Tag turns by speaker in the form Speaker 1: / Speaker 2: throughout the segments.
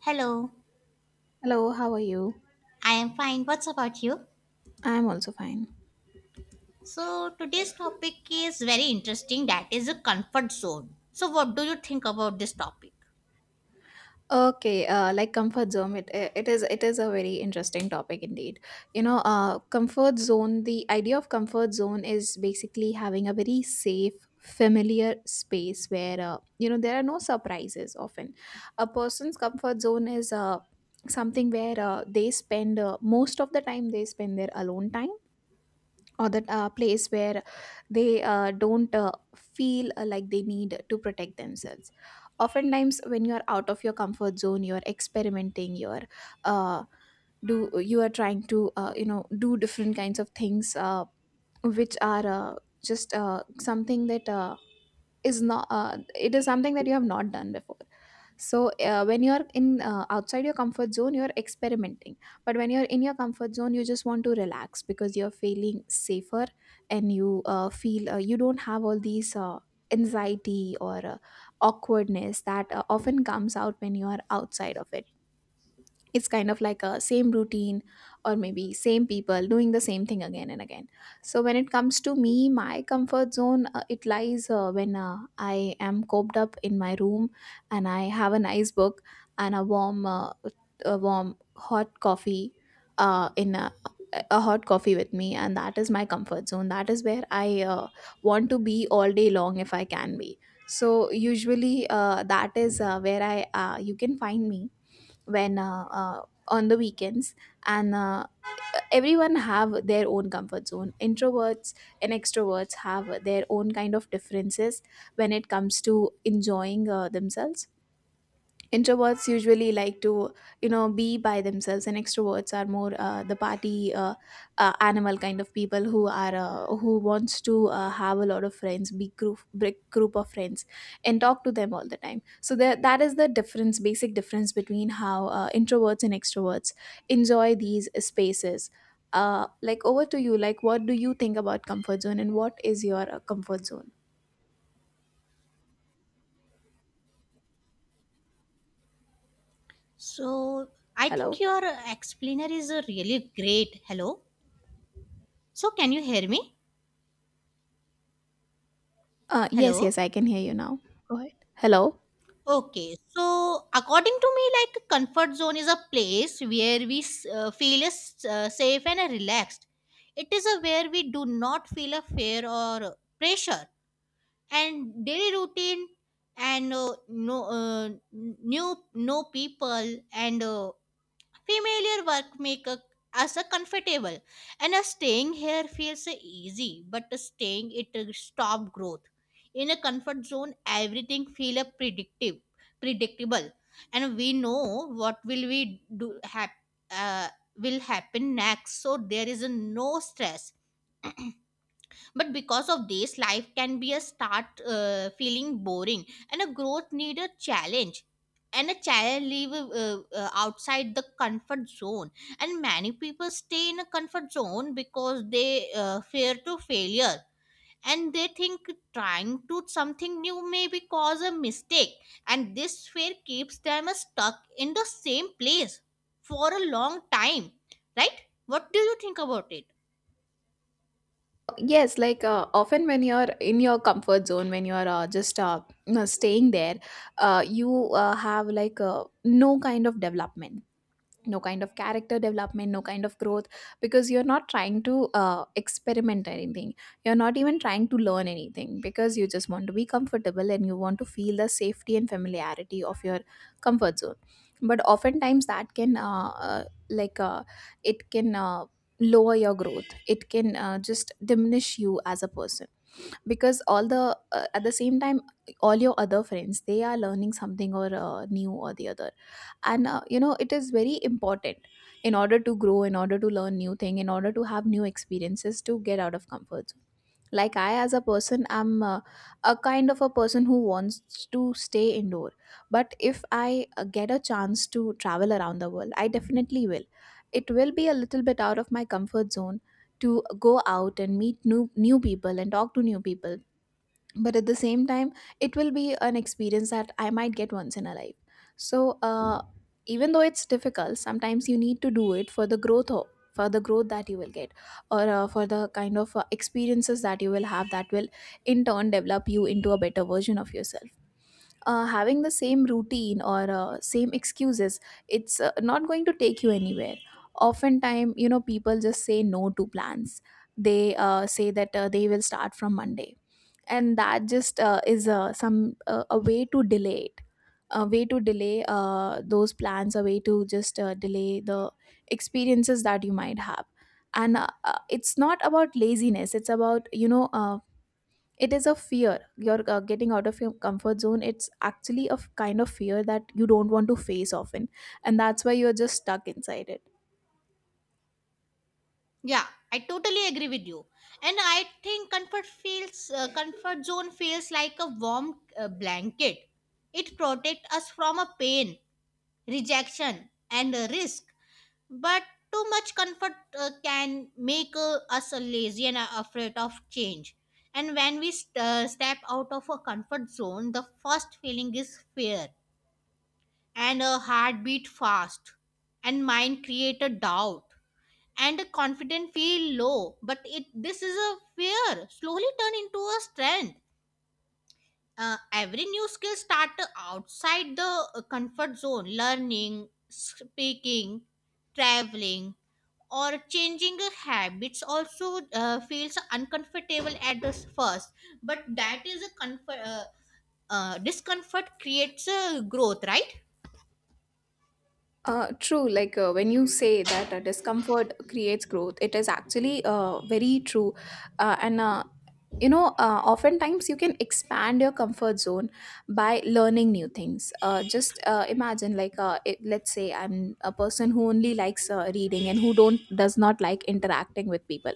Speaker 1: Hello,
Speaker 2: Hello, how are you?
Speaker 1: I am fine. What's about you?
Speaker 2: I'm also fine.
Speaker 1: So, today's topic is very interesting that is a comfort zone. So, what do you think about this topic?
Speaker 2: Okay, like comfort zone, it is a very interesting topic indeed. Comfort zone. The idea of comfort zone is basically having a very safe, familiar space where there are no surprises. Often, a person's comfort zone is something where they spend most of the time they spend their alone time, or that place where they don't feel like they need to protect themselves. Oftentimes when you are out of your comfort zone, you are experimenting, you are uh, do you are trying to do different kinds of things which are just something that is not, it is something that you have not done before. So when you're in, outside your comfort zone, you're experimenting, but when you're in your comfort zone you just want to relax because you're feeling safer and you feel, you don't have all these anxiety or awkwardness that often comes out when you are outside of it. It's kind of like a same routine or maybe same people doing the same thing again and again. So when it comes to me, my comfort zone, it lies when I am coped up in my room and I have a nice book and a warm hot coffee, uh, in a, a hot coffee with me, and that is my comfort zone. That is where I want to be all day long if I can be. So usually that is where I, you can find me when on the weekends. And everyone have their own comfort zone. Introverts and extroverts have their own kind of differences when it comes to enjoying themselves. Introverts usually like to, you know, be by themselves, and extroverts are more the party animal kind of people who are who wants to have a lot of friends, big group of friends and talk to them all the time. So that is the difference, basic difference between how introverts and extroverts enjoy these spaces. Like, over to you. Like, what do you think about comfort zone and what is your comfort zone?
Speaker 1: So, I think
Speaker 2: Hello.
Speaker 1: your explainer is a really great. Hello. So, can you hear me?
Speaker 2: Yes, yes,
Speaker 1: Hello.
Speaker 2: I can hear you now. Go ahead. Hello.
Speaker 1: Okay. So, according to me, like a comfort zone is a place where we feel is, safe and relaxed. It is a where we do not feel a fear or pressure and daily routine and new no people and familiar work make a, us a comfortable and a staying here feels easy but staying it stop growth. In a comfort zone everything feel a predictive, predictable, and we know what will we do uh, will happen next, so there is a no stress. But because of this life can be a start feeling boring, and a growth need a challenge, and a child live outside the comfort zone. And many people stay in a comfort zone because they fear to failure, and they think trying to something new may be cause a mistake, and this fear keeps them stuck in the same place for a long time, right? What do you think about it?
Speaker 2: Yes, like often when you're in your comfort zone, when you're just you know, staying there, you have, like, no kind of development, no kind of character development, no kind of growth, because you're not trying to experiment anything. You're not even trying to learn anything because you just want to be comfortable and you want to feel the safety and familiarity of your comfort zone. But oftentimes that can like uh, it can lower your growth. It can just diminish you as a person, because all the, at the same time, all your other friends, they are learning something or new or the other. And it is very important, in order to grow, in order to learn new thing, in order to have new experiences, to get out of comfort zone. Like, I as a person, I'm a kind of a person who wants to stay indoor, but if I get a chance to travel around the world, I definitely will. It will be a little bit out of my comfort zone to go out and meet new people and talk to new people. But at the same time, it will be an experience that I might get once in a life. So even though it's difficult, sometimes you need to do it for the for the growth that you will get, or for the kind of experiences that you will have, that will in turn develop you into a better version of yourself. Having the same routine or same excuses, it's not going to take you anywhere. Oftentimes, you know, people just say no to plans. They say that they will start from Monday, and that just is some a way to delay it, a way to delay those plans, a way to just delay the experiences that you might have. And it's not about laziness. It's about, you know, it is a fear. You're getting out of your comfort zone. It's actually a kind of fear that you don't want to face often, and that's why you're just stuck inside it.
Speaker 1: Yeah, I totally agree with you. And I think comfort feels comfort zone feels like a warm blanket. It protects us from a pain, rejection, and a risk. But too much comfort can make us lazy and afraid of change. And when we step out of a comfort zone, the first feeling is fear, and a heartbeat fast, and mind create a doubt, and the confident feel low, but it this is a fear slowly turn into a strength. Every new skill start outside the comfort zone: learning, speaking, traveling, or changing a habits also feels uncomfortable at the first, but that is a comfort discomfort creates a growth, right?
Speaker 2: True. Like when you say that discomfort creates growth, it is actually very true. And you know Oftentimes you can expand your comfort zone by learning new things. Just Imagine, like, let's say I'm a person who only likes reading and who don't does not like interacting with people,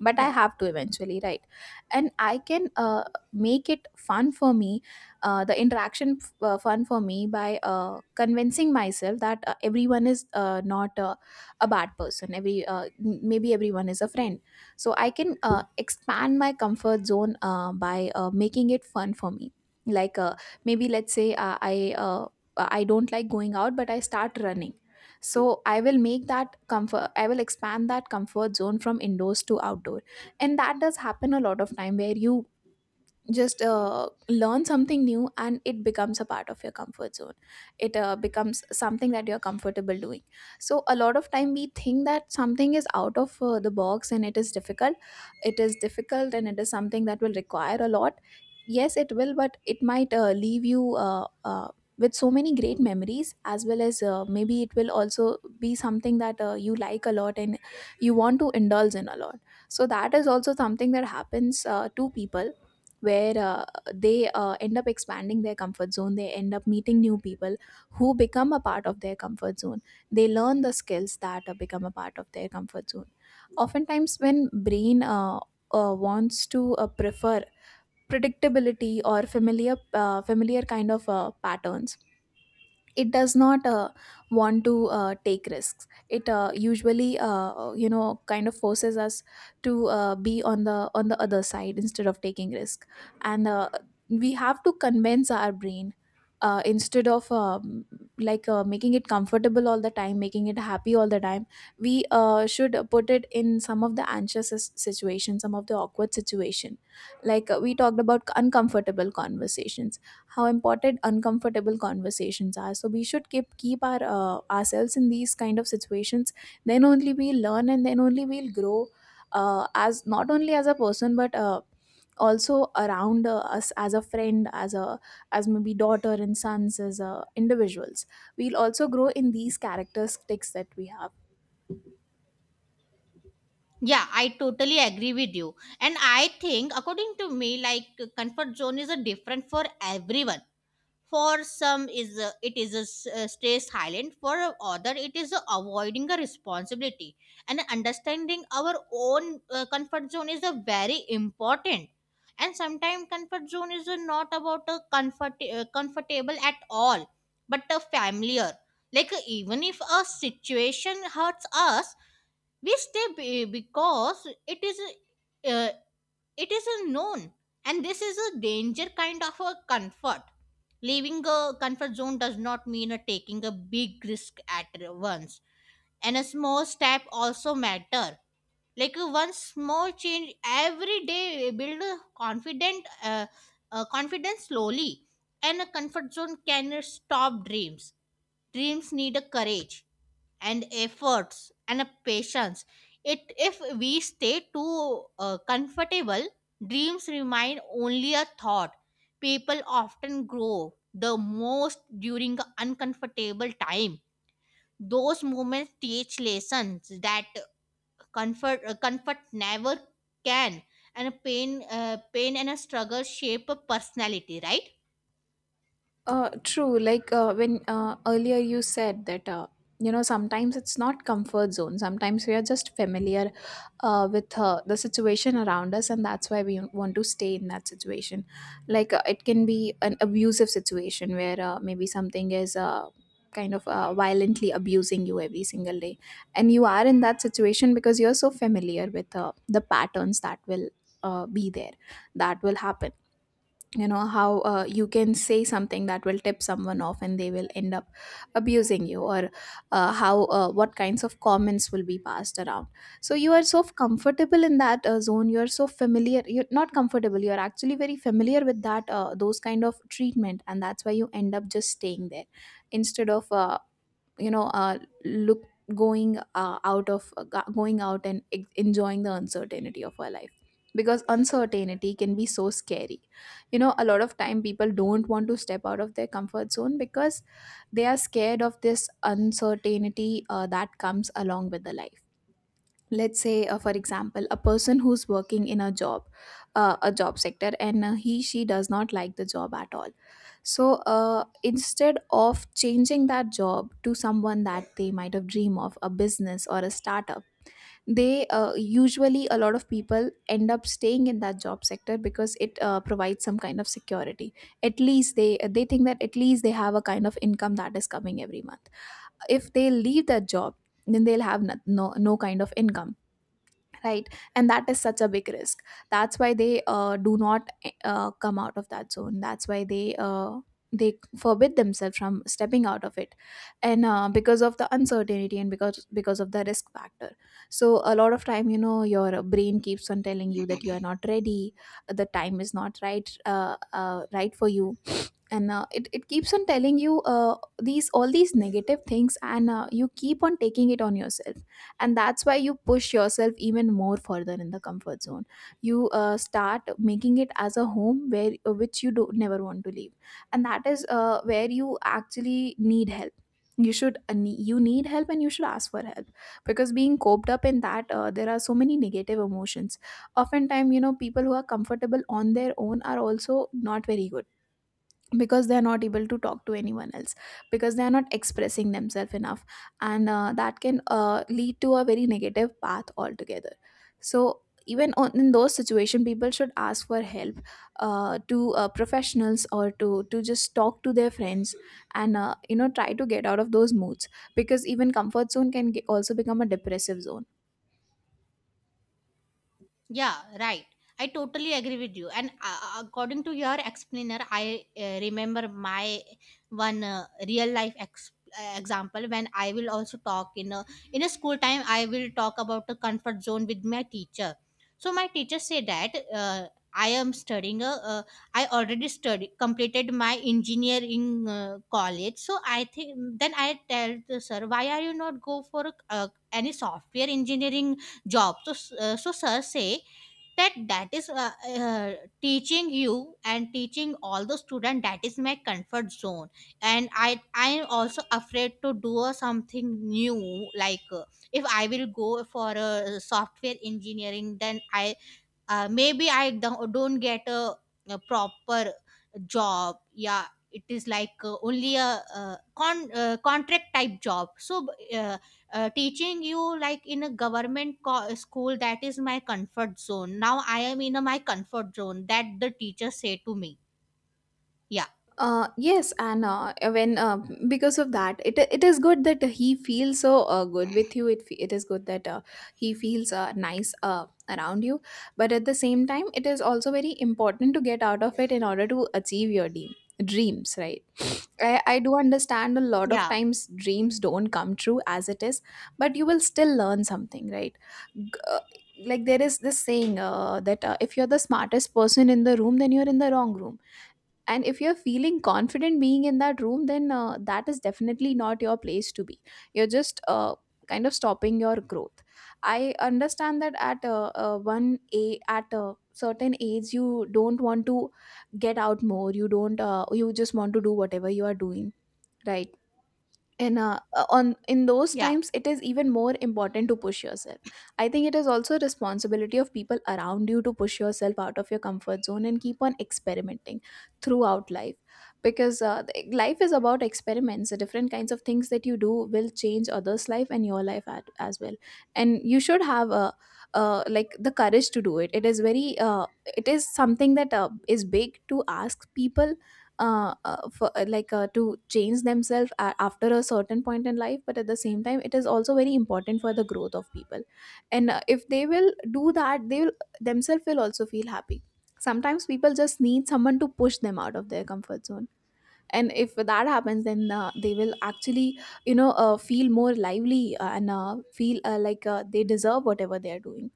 Speaker 2: but I
Speaker 1: Yeah.
Speaker 2: have to eventually, right? And I can make it fun for me, the interaction fun for me, by convincing myself that everyone is not a bad person. Maybe everyone is a friend. So I can expand my comfort zone by making it fun for me. Like maybe, let's say, I don't like going out, but I start running. So I will make that comfort I will expand that comfort zone from indoors to outdoor. And that does happen a lot of time, where you just learn something new and it becomes a part of your comfort zone. It becomes something that you're comfortable doing. So a lot of time we think that something is out of the box and it is difficult. It is difficult and it is something that will require a lot. Yes, it will, but it might leave you with so many great memories, as well as maybe it will also be something that you like a lot and you want to indulge in a lot. So that is also something that happens to people, where they end up expanding their comfort zone. They end up meeting new people who become a part of their comfort zone. They learn the skills that become a part of their comfort zone. Oftentimes, when brain wants to prefer predictability or familiar kind of patterns, it does not want to take risks. It usually, kind of forces us to be on the other side instead of taking risk. And we have to convince our brain, instead of making it comfortable all the time, making it happy all the time, we should put it in some of the anxious situations, some of the awkward situation. Like we talked about uncomfortable conversations, how important uncomfortable conversations are. So we should keep our ourselves in these kind of situations. Then only we'll learn and then only we'll grow. As not only as a person but also around us as a friend, as a, as maybe daughter and sons, as individuals, we'll also grow in these characteristics that we have.
Speaker 1: Yeah, I totally agree with you. And I think, according to me, like comfort zone is a different for everyone. For some, is a, it is a stay silent. For other, it is a avoiding a responsibility. And understanding our own comfort zone is a very important. And sometimes comfort zone is a not about a comfortable at all, but a familiar. Like even if a situation hurts us, we stay because uh, it is a known, and this is a danger kind of a comfort. Leaving a comfort zone does not mean a taking a big risk at once, and a small step also matter. Like one small change every day build a confident confidence slowly, and a comfort zone can stop dreams. Dreams need a courage and efforts and a patience. It if we stay too comfortable, dreams remain only a thought. People often grow the most during the uncomfortable time. Those moments teach lessons that comfort never can, and pain and a struggle shape a personality, right?
Speaker 2: True. Like when earlier you said that sometimes it's not comfort zone. Sometimes we are just familiar with the situation around us, and that's why we want to stay in that situation. Like it can be an abusive situation where maybe something is. Kind of violently abusing you every single day, and you are in that situation because you're so familiar with the patterns that will be there, that will happen. You know how, you can say something that will tip someone off and they will end up abusing you, or how, what kinds of comments will be passed around. So you are so comfortable in that zone, you are so familiar, you're not comfortable, you're actually very familiar with that, those kind of treatment, and that's why you end up just staying there, instead of you know look going out of, going out and enjoying the uncertainty of our life. Because uncertainty can be so scary. You know, a lot of time people don't want to step out of their comfort zone because they are scared of this uncertainty that comes along with the life. Let's say, for example, a person who's working in a job, a job sector, and he, she does not like the job at all. So instead of changing that job to someone that they might have dream of a business or a startup, they, usually a lot of people end up staying in that job sector because it provides some kind of security. At least they think that at least they have a kind of income that is coming every month. If they leave that job, then they'll have no, no, no kind of income, right? And that is such a big risk. That's why they do not come out of that zone. That's why they, they forbid themselves from stepping out of it, and because of the uncertainty and because of the risk factor. So a lot of time, you know, your brain keeps on telling you that you are not ready, the time is not right, right for you. And it keeps on telling you, these, all these negative things, and you keep on taking it on yourself, and that's why you push yourself even more further in the comfort zone. You start making it as a home where, which you do never want to leave, and that is where you actually need help. You should, you need help and you should ask for help. Because being coped up in that, there are so many negative emotions. Oftentimes, you know, people who are comfortable on their own are also not very good, because they are not able to talk to anyone else, because they are not expressing themselves enough. And that can lead to a very negative path altogether. So even on, in those situations, people should ask for help, to professionals, or to just talk to their friends, and you know, try to get out of those moods, because even comfort zone can also become a depressive zone.
Speaker 1: Yeah, right. I totally agree with you. And according to your explainer, I remember my one real life example when I will also talk in a school time. I will talk about the comfort zone with my teacher. So my teacher said that I am studying. A, I already studied completed my engineering college. So I think then I tell the sir, why are you not go for any software engineering job? So so sir say that that is teaching you and teaching all the student, that is my comfort zone. And I am also afraid to do a something new. Like if I will go for a software engineering, then I maybe I don't get a proper job, yeah. It is like only a, contract type job. So uh, teaching you like in a government school, that is my comfort zone. Now I am in a, my comfort zone that the teacher say to me, yeah.
Speaker 2: Yes. And when because of that, it is good that he feels so good with you. It it is good that he feels nice, around you. But at the same time, it is also very important to get out of it in order to achieve your dream dreams. Right? I do understand, a lot of
Speaker 1: Yeah.
Speaker 2: times dreams don't come true as it is, but you will still learn something, right? G- uh, like, there is this saying, that if you're the smartest person in the room, then you're in the wrong room. And if you're feeling confident being in that room, then that is definitely not your place to be. You're just kind of stopping your growth. I understand that at one a at a certain age you don't want to get out more, you don't, you just want to do whatever you are doing, right? In on in those
Speaker 1: Yeah.
Speaker 2: times, it is even more important to push yourself. I think it is also a responsibility of people around you to push yourself out of your comfort zone and keep on experimenting throughout life. Because life is about experiments. The different kinds of things that you do will change others life and your life at, as well. And you should have a like the courage to do it. It is very, it is something that is big to ask people, for, like, to change themselves after a certain point in life, but at the same time it is also very important for the growth of people. And if they will do that, they will themselves will also feel happy. Sometimes people just need someone to push them out of their comfort zone, and if that happens, then they will actually, you know, feel more lively, and feel, like, they deserve whatever they are doing.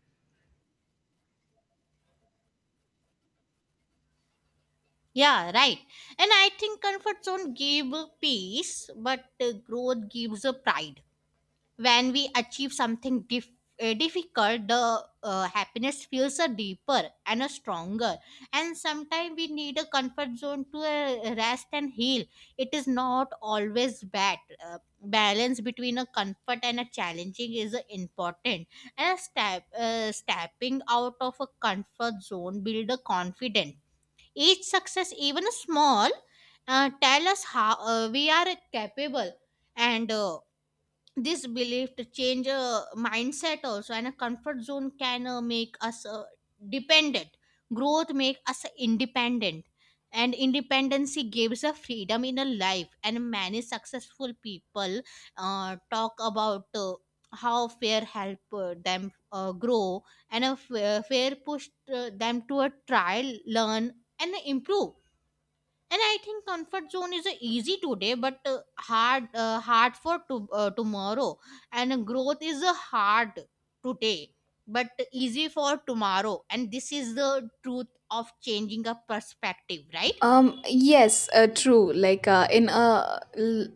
Speaker 1: Yeah, right. And I think comfort zone give peace, but growth gives a pride. When we achieve something difficult, the happiness feels a deeper and a stronger, and sometimes we need a comfort zone to rest and heal. It is not always bad. uh, Balance between a comfort and a challenging is important, and a stepping out of a comfort zone build a confidence. Each success, even a small, tell us how we are capable, and this belief to change a mindset also. And a comfort zone can make us dependent, growth make us independent, and independency gives a freedom in a life. And many successful people talk about how fear help them grow, and a fear pushed them to a trial, learn, and improve. And I think comfort zone is a easy today, but hard for tomorrow, and growth is a hard today but easy for tomorrow, and this is the truth of changing a perspective, right?
Speaker 2: Yes, true. Like,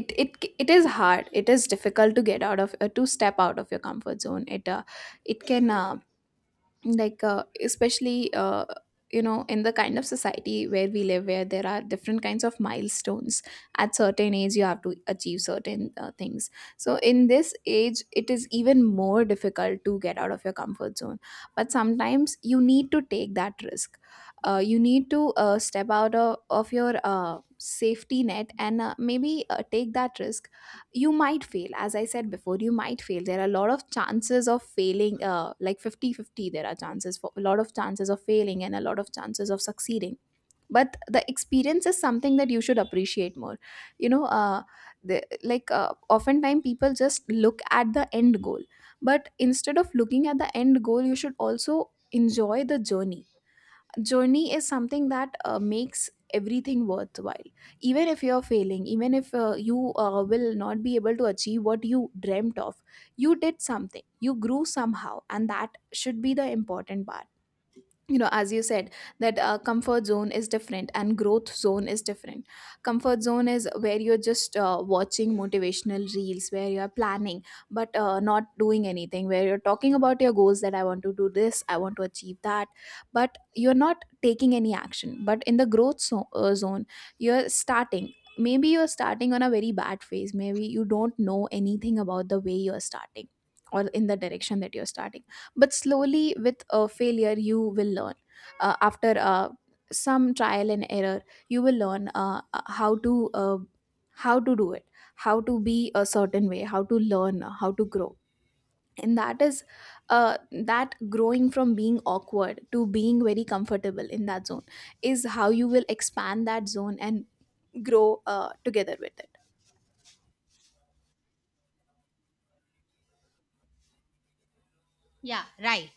Speaker 2: it is hard, it is difficult to get out of, to step out of your comfort zone. It, it can, like, especially, you know, in the kind of society where we live, where there are different kinds of milestones. At certain age you have to achieve certain things. So in this age it is even more difficult to get out of your comfort zone. But sometimes you need to take that risk. You need to, step out of your safety net, and maybe take that risk. You might fail, as I said before, you might fail. There are a lot of chances of failing, like fifty-fifty. There are chances for, a lot of chances of failing and a lot of chances of succeeding. But the experience is something that you should appreciate more. You know, like, oftentimes people just look at the end goal, but instead of looking at the end goal, you should also enjoy the journey. Journey is something that makes everything worthwhile. Even if you're failing, even if you will not be able to achieve what you dreamt of, you did something, you grew somehow, and that should be the important part. You know, as you said, that comfort zone is different and growth zone is different. Comfort zone is where you're just watching motivational reels, where you are planning but not doing anything, where you're talking about your goals, that I want to do this, I want to achieve that, but you're not taking any action. But in the zone, you're starting. Maybe you're starting on a very bad phase, maybe you don't know anything about the way you're starting, or in the direction that you're starting. But slowly with a failure you will learn. After Some trial and error, you will learn, how to, how to do it, how to be a certain way, how to learn, how to grow. And that is, that growing from being awkward to being very comfortable in that zone is how you will expand that zone and grow together with it.
Speaker 1: Yeah, right.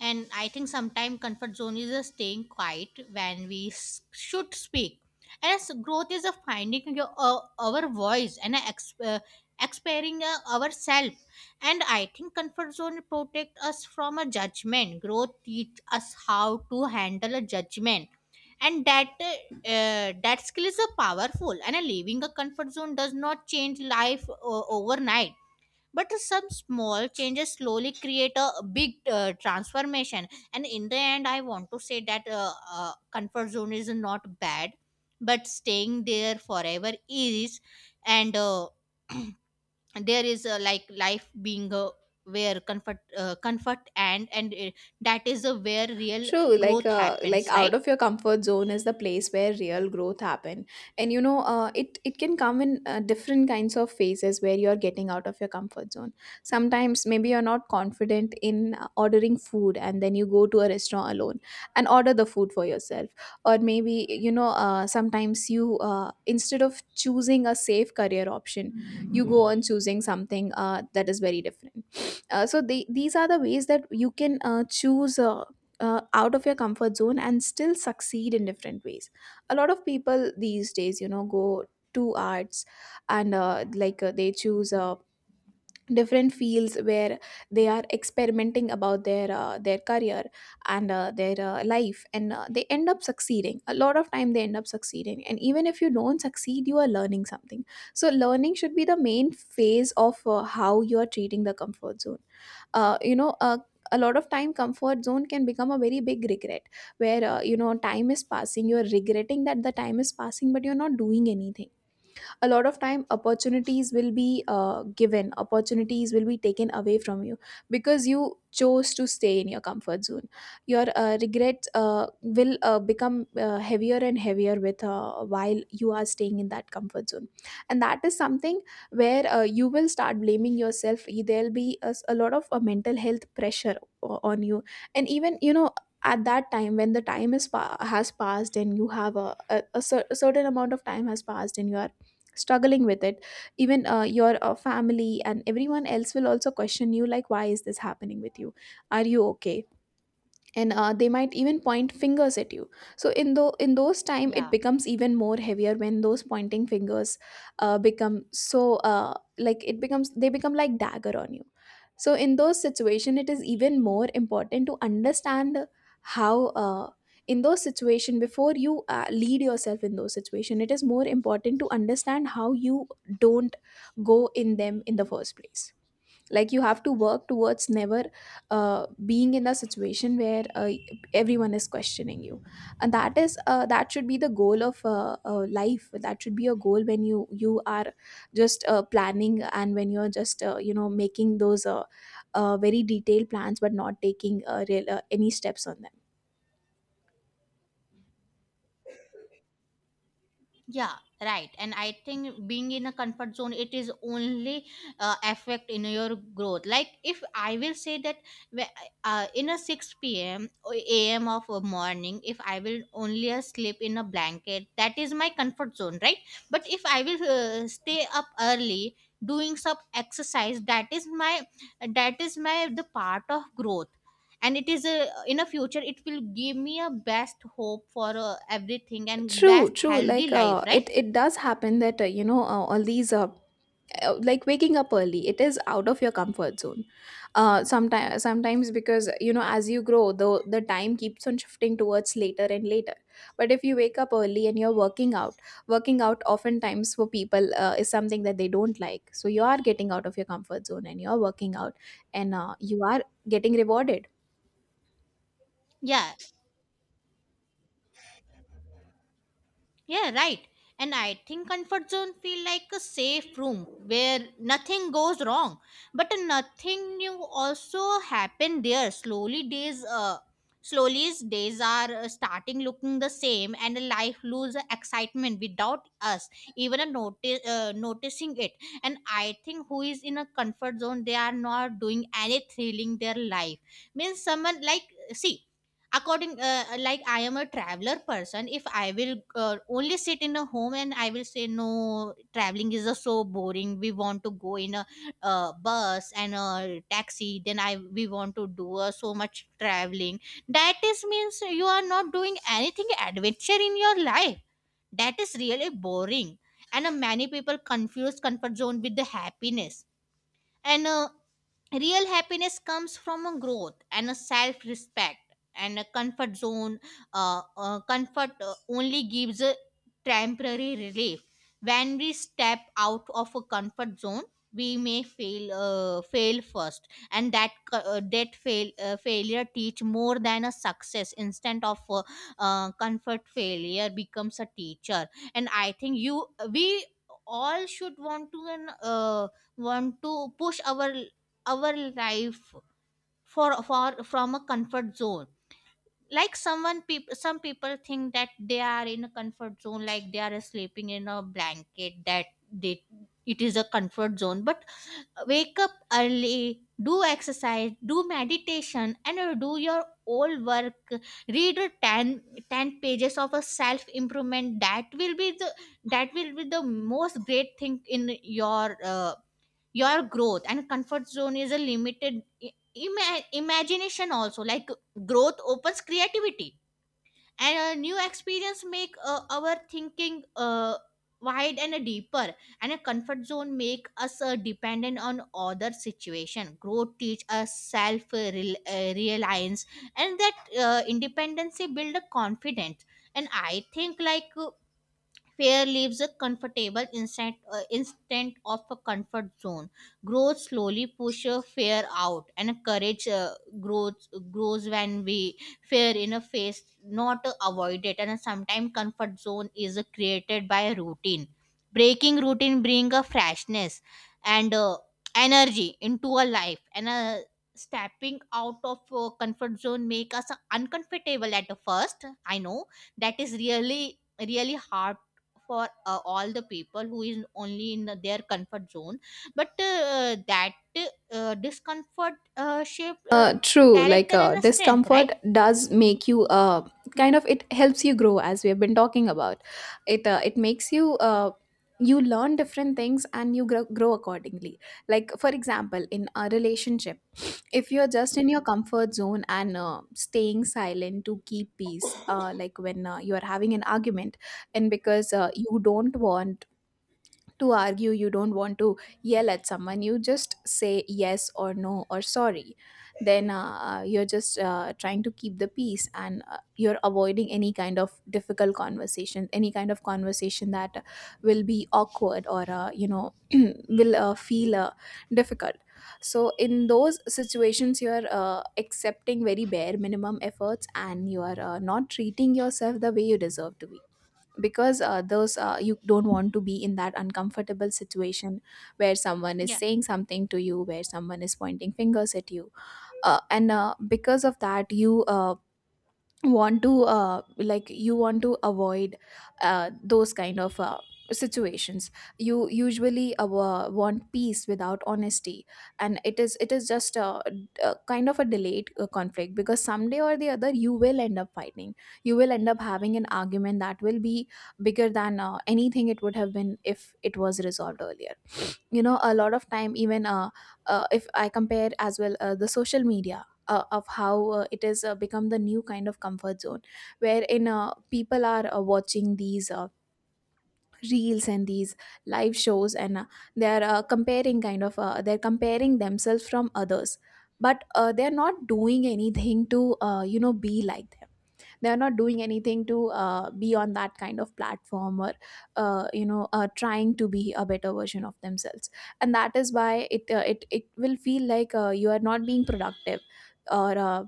Speaker 1: And I think sometimes comfort zone is a staying quiet when we should speak. And as growth is a finding your our voice, and a expiring ourselves. And I think comfort zone protect us from a judgment. Growth teach us how to handle a judgment, and that skill is a powerful. And a leaving a comfort zone does not change life overnight, but some small changes slowly create a big transformation. And in the end I want to say that comfort zone is not bad, but staying there forever is. And there is like life being where comfort and that is where real
Speaker 2: True,
Speaker 1: growth
Speaker 2: like
Speaker 1: happens,
Speaker 2: out
Speaker 1: right?
Speaker 2: of your comfort zone is the place where real growth happen, and you know, it can come in different kinds of phases where you are getting out of your comfort zone. Sometimes maybe you're not confident in ordering food, and then you go to a restaurant alone and order the food for yourself. Or maybe, you know, sometimes you, instead of choosing a safe career option, you go on choosing something that is very different. So these are the ways that you can choose, out of your comfort zone and still succeed in different ways. A lot of people these days, you know, go to arts, and like, they choose different fields where they are experimenting about their, their career, and their, life. And they end up succeeding, a lot of time they end up succeeding, and even if you don't succeed, you are learning something. So learning should be the main phase of how you are treating the comfort zone. You know, a lot of time, comfort zone can become a very big regret, where, you know, time is passing, you are regretting that the time is passing, but you're not doing anything. A lot of time, opportunities will be given, opportunities will be taken away from you, because you chose to stay in your comfort zone. Your regrets will become heavier and heavier with, while you are staying in that comfort zone. And that is something where you will start blaming yourself. There'll be a lot of mental health pressure on you. And even, you know, at that time, when the time has passed, and you have a certain amount of time has passed, and you are struggling with it. Even your family and everyone else will also question you, like why is this happening with you, are you okay? And they might even point fingers at you. So in though in those time, it
Speaker 1: Yeah.
Speaker 2: becomes even more heavier, when those pointing fingers become so, like, it becomes, they become like dagger on you. So in those situation, it is even more important to understand how, in those situation, before you lead yourself in those situation, it is more important to understand how you don't go in them in the first place. Like, you have to work towards never being in a situation where everyone is questioning you. And that is that should be the goal of life. That should be a goal when you are just planning, and when you're just you know making those very detailed plans but not taking real, any steps on them.
Speaker 1: Yeah, right. And I think being in a comfort zone, it is only affect in your growth. Like if I will say that whe- in a 6 p.m. or a.m. of a morning, if I will only sleep in a blanket, that is my comfort zone, right? But if I will stay up early doing some exercise, that is my the part of growth, and it is a in a future it will give me a best hope for everything and
Speaker 2: true
Speaker 1: best
Speaker 2: true
Speaker 1: healthy
Speaker 2: like
Speaker 1: life,
Speaker 2: it
Speaker 1: right?
Speaker 2: it does happen that all these like waking up early, it is out of your comfort zone sometimes, because you know, as you grow, the time keeps on shifting towards later and later. But if you wake up early and you're working out, working out oftentimes for people is something that they don't like, so you are getting out of your comfort zone and you're working out, and you are getting rewarded.
Speaker 1: Yeah. Yeah, right. And I think comfort zone feel like a safe room where nothing goes wrong. But nothing new also happen there. Slowly days are starting looking the same, and life lose excitement without us even a notice noticing it. And I think who is in a comfort zone, they are not doing any thrilling their life, means someone like, see, according like I am a traveler person. If I will only sit in a home and I will say no traveling is so boring, we want to go in a bus and a taxi, then I we want to do so much traveling, that is means you are not doing anything adventure in your life, that is really boring. And many people confuse comfort zone with the happiness, and real happiness comes from a growth and a self respect. And a comfort zone comfort only gives a temporary relief. When we step out of a comfort zone we may fail first, and that co- that fail failure teach more than a success. Instead of comfort, failure becomes a teacher. And I think you, we all should want to and want to push our life for from a comfort zone. Like someone people some people think that they are in a comfort zone, like they are sleeping in a blanket, that they it is a comfort zone, but wake up early, do exercise, do meditation, and do your old work, read a 10, ten pages of a self improvement, that will be the that will be the most great thing in your growth. And comfort zone is a limited imagination also, like growth opens creativity, and a new experience make our thinking wide and deeper. And a comfort zone make us dependent on other situation, growth teach us self reliance, and that independency build a confidence. And I think like fear leaves a comfortable instant, instant of a comfort zone. Growth slowly push a fear out, and courage grows, grows when we fear in a face, not avoid it. And sometimes comfort zone is created by a routine. Breaking routine bring a freshness and energy into a life, and stepping out of comfort zone make us uncomfortable at first. I know that is really really hard for all the people who is only in their comfort zone, but that discomfort shaped
Speaker 2: True. Like
Speaker 1: character and a strength,
Speaker 2: discomfort
Speaker 1: right?
Speaker 2: does make you kind of, it helps you grow, as we have been talking about. It it makes you you learn different things, and you grow accordingly. Like for example, in a relationship, if you're just in your comfort zone and staying silent to keep peace, like when you are having an argument, and because you don't want to argue, you don't want to yell at someone, you just say yes or no or sorry. Then you're just trying to keep the peace, and you're avoiding any kind of difficult conversation, any kind of conversation that will be awkward or, you know, will feel difficult. So, in those situations, you're accepting very bare minimum efforts, and you are not treating yourself the way you deserve to be, because those you don't want to be in that uncomfortable situation where someone is
Speaker 1: Yeah.
Speaker 2: saying something to you, where someone is pointing fingers at you. And because of that, you want to like you want to avoid those kind of situations. You usually want peace without honesty, and it is just a kind of a delayed conflict, because someday or the other you will end up fighting, you will end up having an argument that will be bigger than anything it would have been if it was resolved earlier. You know, a lot of time, even if I compare as well, the social media, of how it has become the new kind of comfort zone, wherein people are watching these reels and these live shows, and they are comparing kind of they're comparing themselves from others, but they're not doing anything to be like them. They're not doing anything to be on that kind of platform, or trying to be a better version of themselves. And that is why it it will feel like you are not being productive, or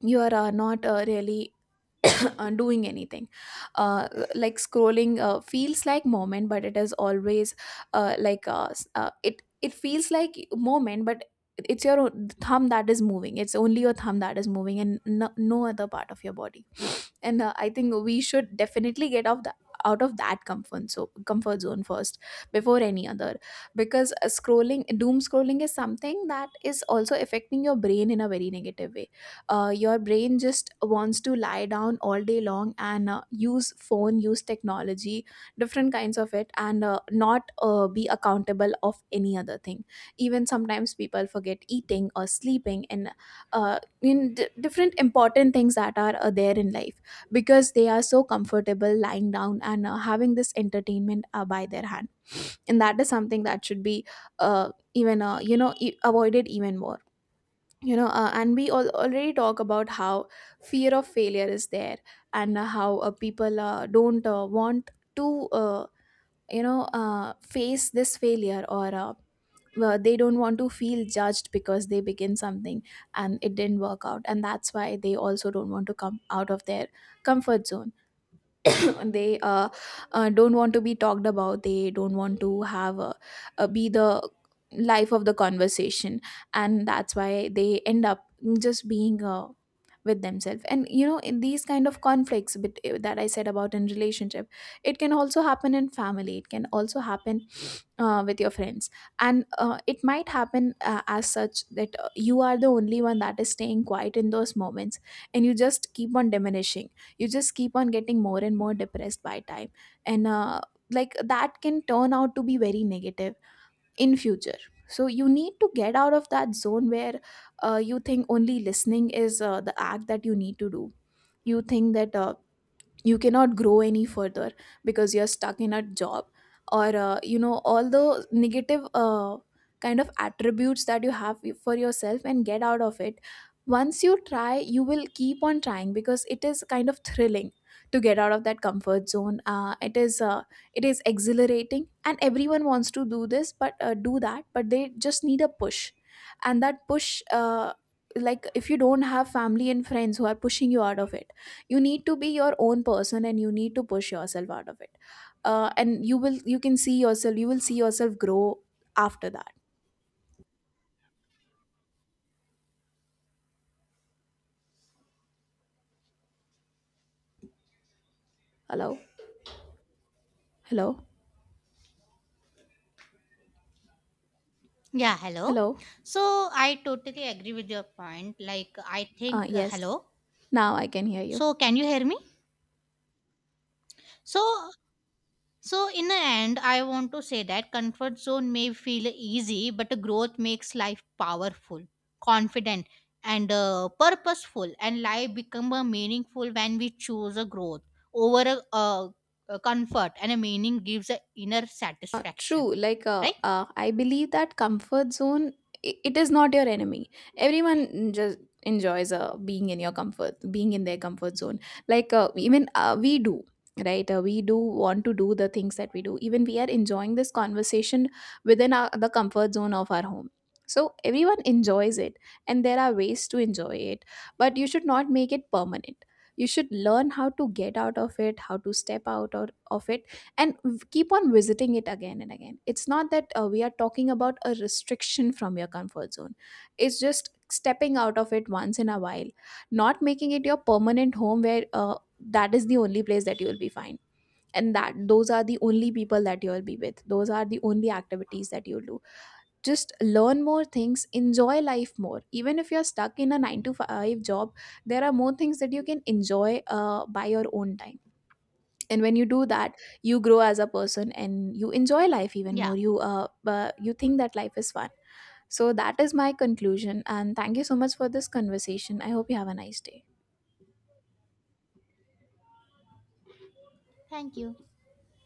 Speaker 2: you are not really doing anything. uh, like scrolling feels like moment, but it is always it feels like moment, but it's your own thumb that is moving, it's only your thumb that is moving, and no other part of your body. And I think we should definitely get off the out of that comfort zone first before any other, because scrolling, doom scrolling, is something that is also affecting your brain in a very negative way. Your brain just wants to lie down all day long and use phone, use technology, different kinds of it, and not be accountable of any other thing. Even sometimes people forget eating or sleeping, and different important things that are there in life, because they are so comfortable lying down and having this entertainment by their hand. And that is something that should be even you know e- avoided even more. You know, and we all already talk about how fear of failure is there, and how people don't want to face this failure, or well, they don't want to feel judged because they begin something and it didn't work out, and that's why they also don't want to come out of their comfort zone. They don't want to be talked about, they don't want to have be the life of the conversation. And that's why they end up just being with themselves, and you know, in these kind of conflicts that I said about in relationship, it can also happen in family, it can also happen with your friends. And it might happen as such that you are the only one that is staying quiet in those moments, and you just keep on diminishing, you just keep on getting more and more depressed by time. And like that can turn out to be very negative in future. So you need to get out of that zone where you think only listening is the act that you need to do. You think that you cannot grow any further because you're stuck in a job, or all the negative kind of attributes that you have for yourself, and get out of it. Once you try, you will keep on trying, because it is kind of thrilling to get out of that comfort zone. It is it is exhilarating, and everyone wants to do that, but they just need a push. And that push, like if you don't have family and friends who are pushing you out of it, you need to be your own person, and you need to push yourself out of it. And you can see yourself, you will see yourself grow after that. Hello. Hello.
Speaker 1: Yeah, hello.
Speaker 2: Hello.
Speaker 1: So I totally agree with your point. Like I think
Speaker 2: Yes,
Speaker 1: hello.
Speaker 2: now I can hear you.
Speaker 1: So can you hear me? So, so, in the end, I want to say that comfort zone may feel easy, but growth makes life powerful, confident, and purposeful. And life become a meaningful when we choose a growth over a comfort, and a meaning gives a inner satisfaction.
Speaker 2: True. Like,
Speaker 1: Right?
Speaker 2: I believe that comfort zone, I it is not your enemy. Everyone just enjoys being in their comfort zone. Like, even we do, right? We do want to do the things that we do. Even we are enjoying this conversation within the comfort zone of our home. So, everyone enjoys it, and there are ways to enjoy it, but you should not make it permanent. You should learn how to get out of it, how to step out, or, of it, and keep on visiting it again and again. It's not that we are talking about a restriction from your comfort zone, it's just stepping out of it once in a while, not making it your permanent home, where that is the only place that you will be fine, and that those are the only people that you will be with, those are the only activities that you'll do. Just learn more things, enjoy life more. Even if you're stuck in a 9 to 5 job, there are more things that you can enjoy by your own time. And when you do that, you grow as a person, and you enjoy life even more.
Speaker 1: Yeah.
Speaker 2: You you think that life is fun. So that is my conclusion, and thank you so much for this conversation. I hope you have a nice day.
Speaker 1: Thank you.